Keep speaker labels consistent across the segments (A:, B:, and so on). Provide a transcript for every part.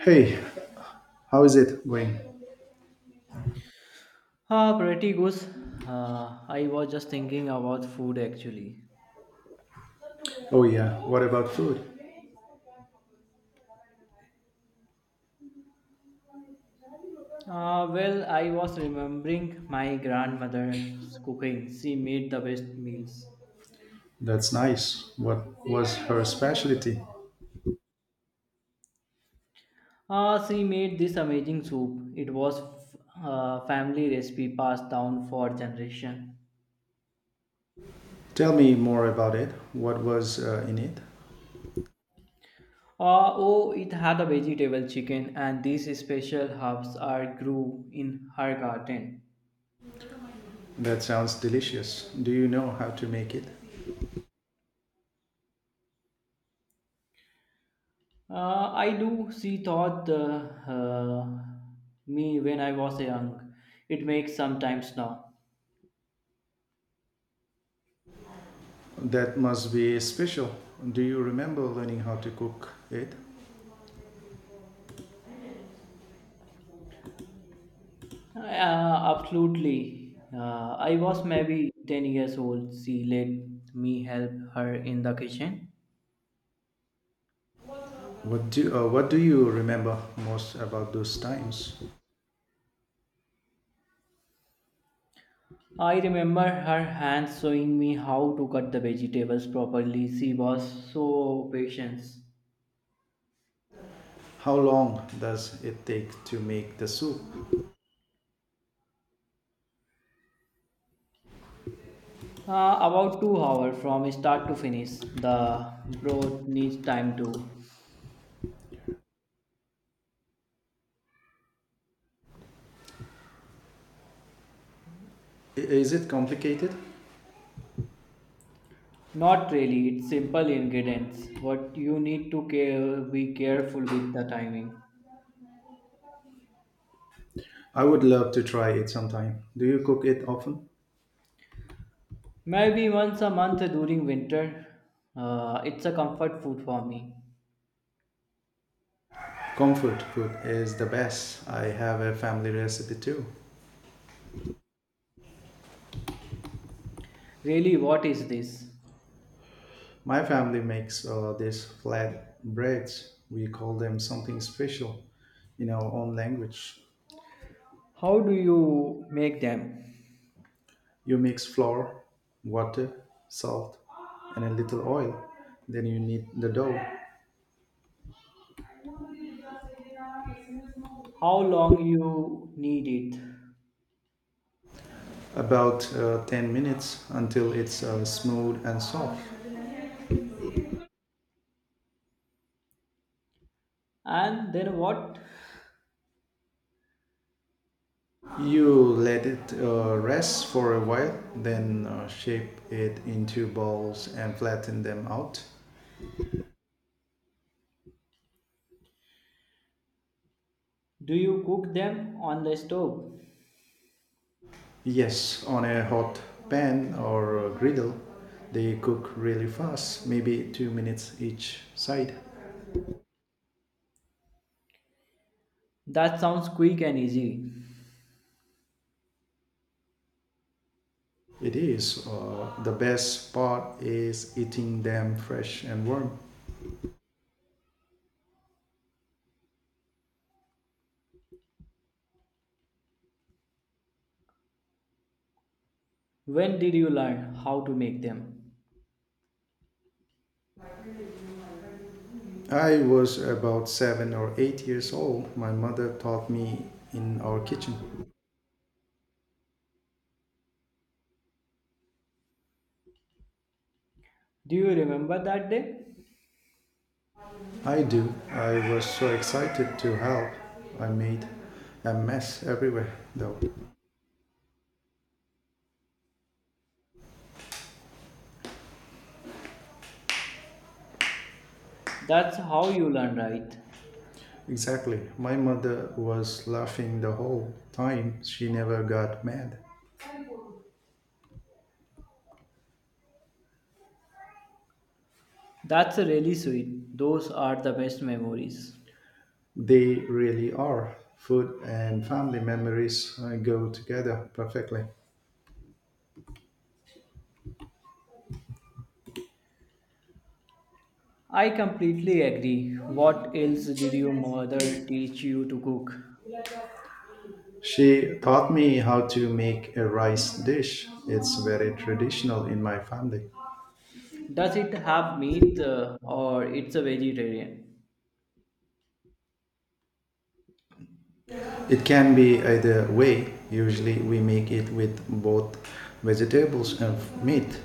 A: Hey, how is it going?
B: Pretty good. I was just thinking about food actually.
A: Oh yeah, what about food?
B: I was remembering my grandmother's cooking. She made the best meals.
A: That's nice. What was her specialty?
B: She made this amazing soup. A family recipe passed down for generation.
A: Tell me more about it. What was in it?
B: Oh, it had a vegetable chicken and these special herbs are grew in her garden.
A: That sounds delicious. Do you know how to make it?
B: I do. She taught me when I was young. It makes sometimes now.
A: That must be special. Do you remember learning how to cook it?
B: Uh, Absolutely. I was maybe 10 years old. She let me help her in the kitchen.
A: What do you remember most about those times?
B: I remember her hands showing me how to cut the vegetables properly. She was so patient.
A: How long does it take to make the soup?
B: About 2 hours from start to finish. The broth needs time too.
A: Is it complicated?
B: Not really, it's simple ingredients. What you need to care, be careful with the timing.
A: I would love to try it sometime. Do you cook it often?
B: Maybe once a month during winter. It's a comfort food for me.
A: Comfort food is the best. I have a family recipe too.
B: Really, what is this?
A: My family makes these flat breads. We call them something special in our own language.
B: How do you make them?
A: You mix flour, water, salt, and a little oil. Then you knead the dough
B: How long you need it?
A: about 10 minutes until it's smooth and soft.
B: And then what?
A: You let it rest for a while, then shape it into balls and flatten them out.
B: Do you cook them on the stove?
A: Yes, on a hot pan or a griddle, they cook really fast, maybe 2 minutes each side.
B: That sounds quick and easy.
A: It is. The best part is eating them fresh and warm.
B: When did you learn how to make them?
A: I was about seven or eight years old. My mother taught me in our kitchen.
B: Do you remember that day?
A: I do. I was so excited to help. I made a mess everywhere, though.
B: That's how you learn, right?
A: Exactly. My mother was laughing the whole time. She never got mad.
B: That's really sweet. Those are the best memories.
A: They really are. Food and family memories go together perfectly.
B: I completely agree. What else did your mother teach you to cook?
A: She taught me how to make a rice dish. It's very traditional in my family.
B: Does it have meat or it's a vegetarian?
A: It can be either way. Usually, we make it with both vegetables and meat.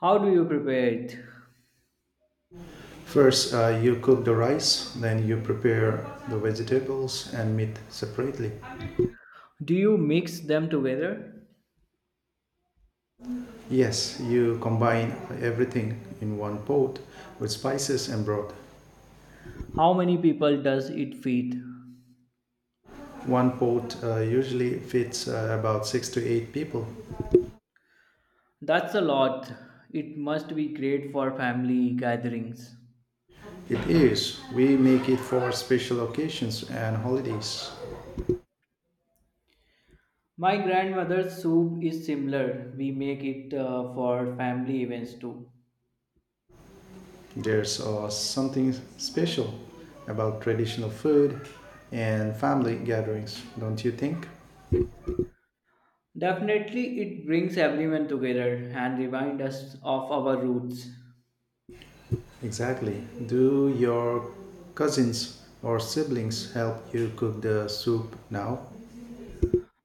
B: How do you prepare it?
A: First, you cook the rice, then you prepare the vegetables and meat separately.
B: Do you mix them together?
A: Yes, you combine everything in one pot with spices and broth.
B: How many people does it feed?
A: One pot usually fits about six to eight people.
B: That's a lot. It must be great for family gatherings.
A: It is. We make it for special occasions and holidays.
B: My grandmother's soup is similar. We make it for family events too.
A: There's something special about traditional food and family gatherings, don't you think?
B: Definitely, it brings everyone together and reminds us of our roots.
A: Exactly. Do your cousins or siblings help you cook the soup now?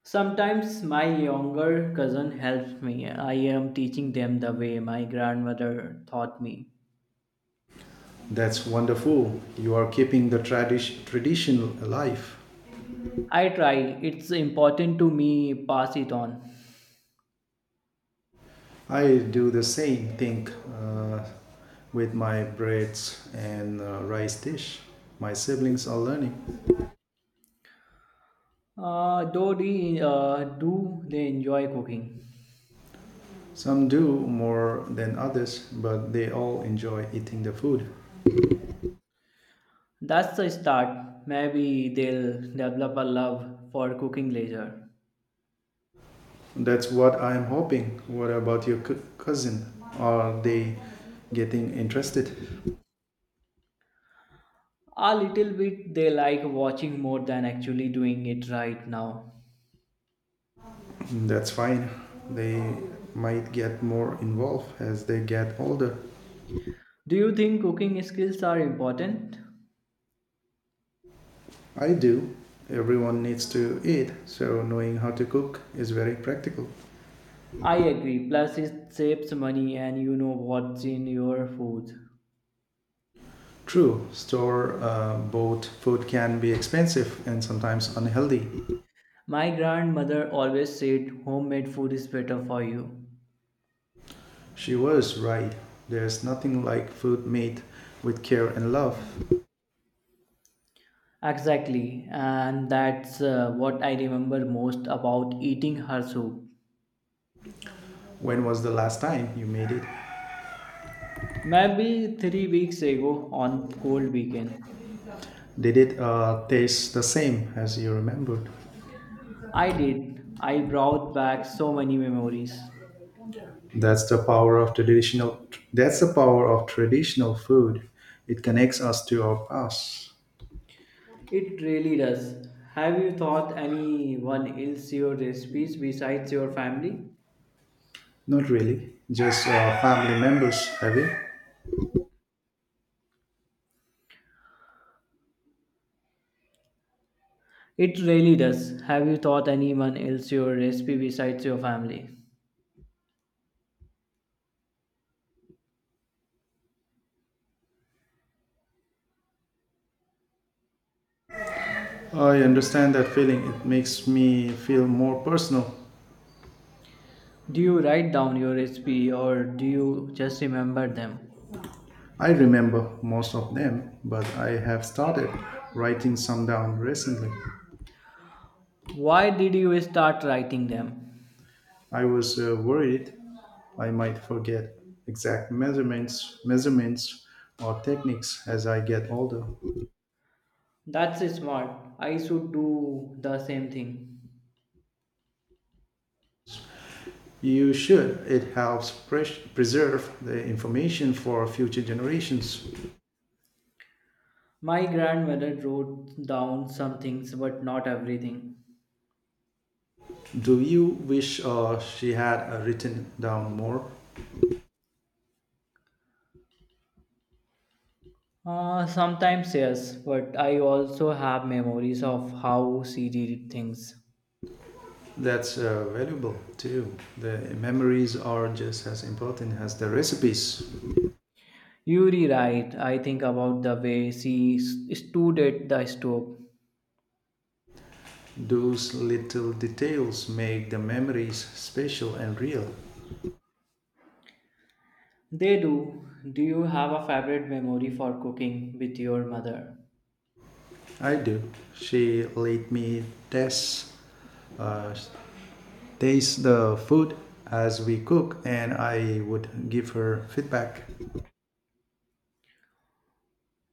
B: Sometimes my younger cousin helps me. I am teaching them the way my grandmother taught me.
A: That's wonderful. You are keeping the tradition alive.
B: I try. It's important to me pass it on.
A: I do the same thing with my breads and rice dish. My siblings are learning.
B: Though do they enjoy cooking?
A: Some do more than others, but they all enjoy eating the food.
B: That's the start. Maybe they'll develop a love for cooking later.
A: That's what I'm hoping. What about your cousin? Are they getting interested?
B: A little bit they like watching more than actually doing it right now.
A: That's fine. They might get more involved as they get older.
B: Do you think cooking skills are important?
A: I do. Everyone needs to eat, so knowing how to cook is very practical.
B: I agree. Plus, it saves money and you know what's in your food.
A: True, store bought food can be expensive and sometimes unhealthy.
B: My grandmother always said homemade food is better for you.
A: She was right. There's nothing like food made with care and love.
B: Exactly, and that's what I remember most about eating her soup.
A: When was the last time you made it?
B: Maybe 3 weeks ago on cold weekend,
A: Did it taste the same as you remembered?
B: I did. I brought back so many memories.
A: That's the power of traditional. That's the power of traditional food. It connects us to our past.
B: It really does. Have you thought anyone else your recipes besides your family?
A: Not really, just family members. Have you?
B: It really does. Have you taught anyone else your recipe besides your family?
A: I understand that feeling. It makes me feel more personal.
B: Do you write down your recipe or do you just remember them?
A: I remember most of them, but I have started writing some down recently.
B: Why did you start writing them?
A: I was worried I might forget exact measurements or techniques as I get older.
B: That's smart. I should do the same thing.
A: You should. It helps preserve the information for future generations.
B: My grandmother wrote down some things but not everything.
A: Do you wish she had written down more?
B: Sometimes yes, but I also have memories of how she did things.
A: That's valuable too. The memories are just as important as the recipes.
B: You rewrite, I think about the way stood at the stove.
A: Those little details make the memories special and real.
B: They do. Do you have a favorite memory for cooking with your mother?
A: I do. She let me taste, uh, taste the food as we cook, and I would give her feedback.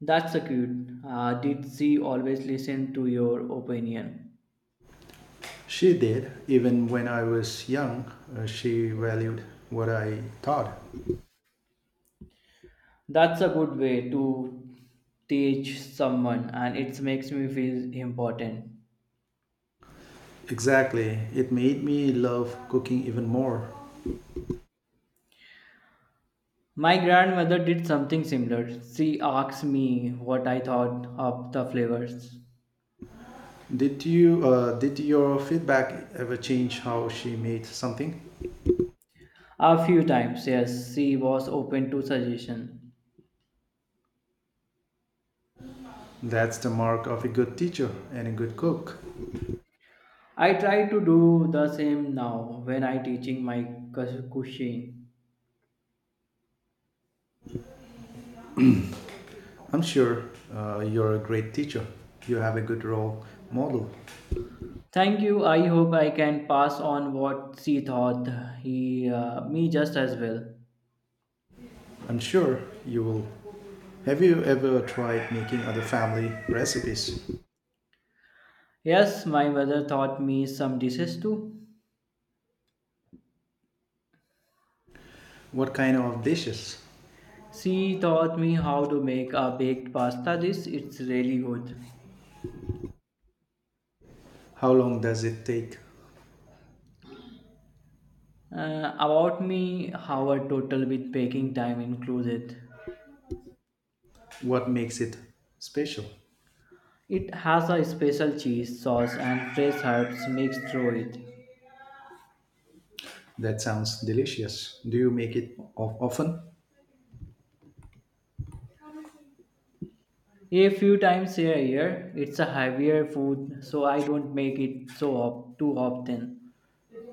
B: That's a cute. Did she always listen to your opinion?
A: She did. Even when I was young, she valued what I taught.
B: That's a good way to teach someone, and it makes me feel important.
A: Exactly. It made me love cooking even more.
B: My grandmother did something similar. She asked me what I thought of the flavors.
A: Did you? Did your feedback ever change how she made something?
B: A few times, yes, she was open to suggestion.
A: That's the mark of a good teacher and a good cook.
B: I try to do the same now when I teaching my cuisine.
A: I'm sure you're a great teacher. You have a good role model.
B: Thank you. I hope I can pass on what she thought he me just as well.
A: I'm sure you will. Have you ever tried making other family recipes?
B: Yes, my mother taught me some dishes too.
A: What kind of dishes?
B: She taught me how to make a baked pasta dish. It's really good.
A: How long does it take?
B: About me, how a total with baking time included.
A: What makes it special?
B: It has a special cheese, sauce, and fresh herbs mixed through it.
A: That sounds delicious. Do you make it often?
B: A few times a year, it's a heavier food, so I don't make it too often.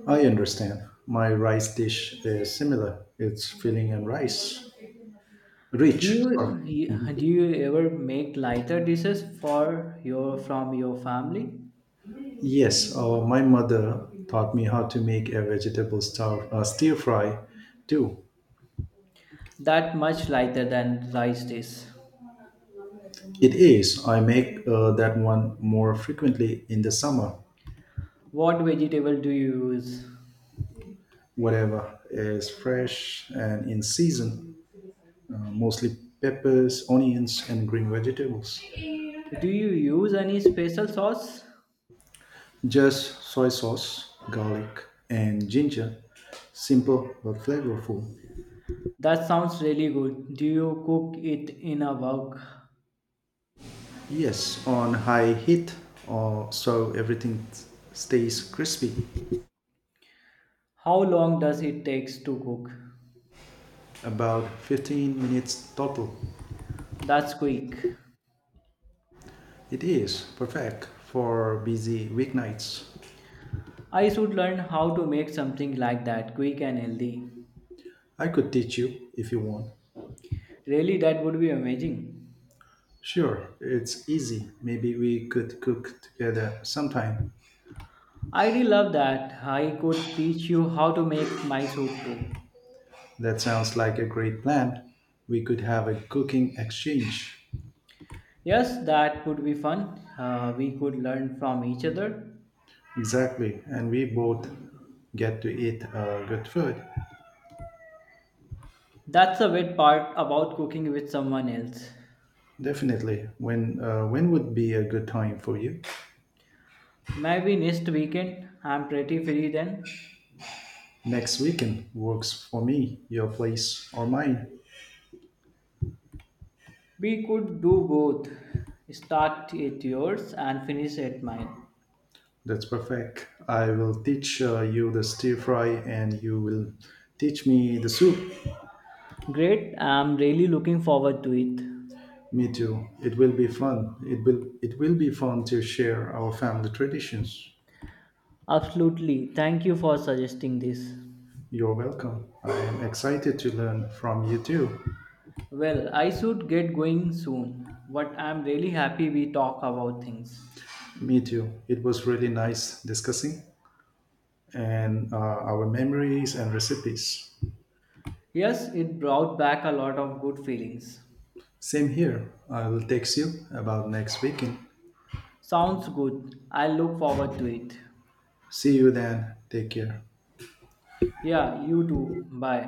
A: I understand. My rice dish is similar. It's filling and rice.
B: Do
A: Rich, sorry.
B: you
A: Hmm.
B: do you ever make lighter dishes for your from your family?
A: Yes, my mother taught me how to make a vegetable stir fry too.
B: That much lighter than rice dish.
A: It is. I make that one more frequently in the summer.
B: What vegetable do you use?
A: Whatever is fresh and in season, mostly peppers, onions, and green vegetables.
B: Do you use any special sauce?
A: Just soy sauce, garlic, and ginger. Simple but flavorful.
B: That sounds really good. Do you cook it in a wok?
A: Yes, on high heat, so everything stays crispy.
B: How long does it takes to cook?
A: About 15 minutes total.
B: That's quick.
A: It is perfect for busy weeknights.
B: I should learn how to make something like that, quick and healthy.
A: I could teach you if you want.
B: Really, that would be amazing.
A: Sure, it's easy. Maybe we could cook together sometime.
B: I do love that. I could teach you how to make my soup too.
A: That sounds like a great plan. We could have a cooking exchange.
B: Yes, that would be fun. We could learn from each other.
A: Exactly, and we both get to eat good food.
B: That's the weird part about cooking with someone else.
A: Definitely. When would be a good time for you?
B: Maybe next weekend, I'm pretty free then.
A: Next weekend works for me. Your place or mine?
B: We could do both. Start at yours and finish at mine.
A: That's perfect. I will teach you the stir fry and you will teach me the soup.
B: Great, I'm really looking forward to it.
A: Me too. It will be fun. It will be fun to share our family traditions.
B: Absolutely. Thank you for suggesting this.
A: You're welcome. I am excited to learn from you too.
B: Well, I should get going soon, but I'm really happy we talk about things.
A: Me too. It was really nice discussing and our memories and recipes.
B: Yes, it brought back a lot of good feelings.
A: Same here. I will text you about next weekend.
B: Sounds good. I look forward to it.
A: See you then. Take care.
B: Yeah, you too. Bye.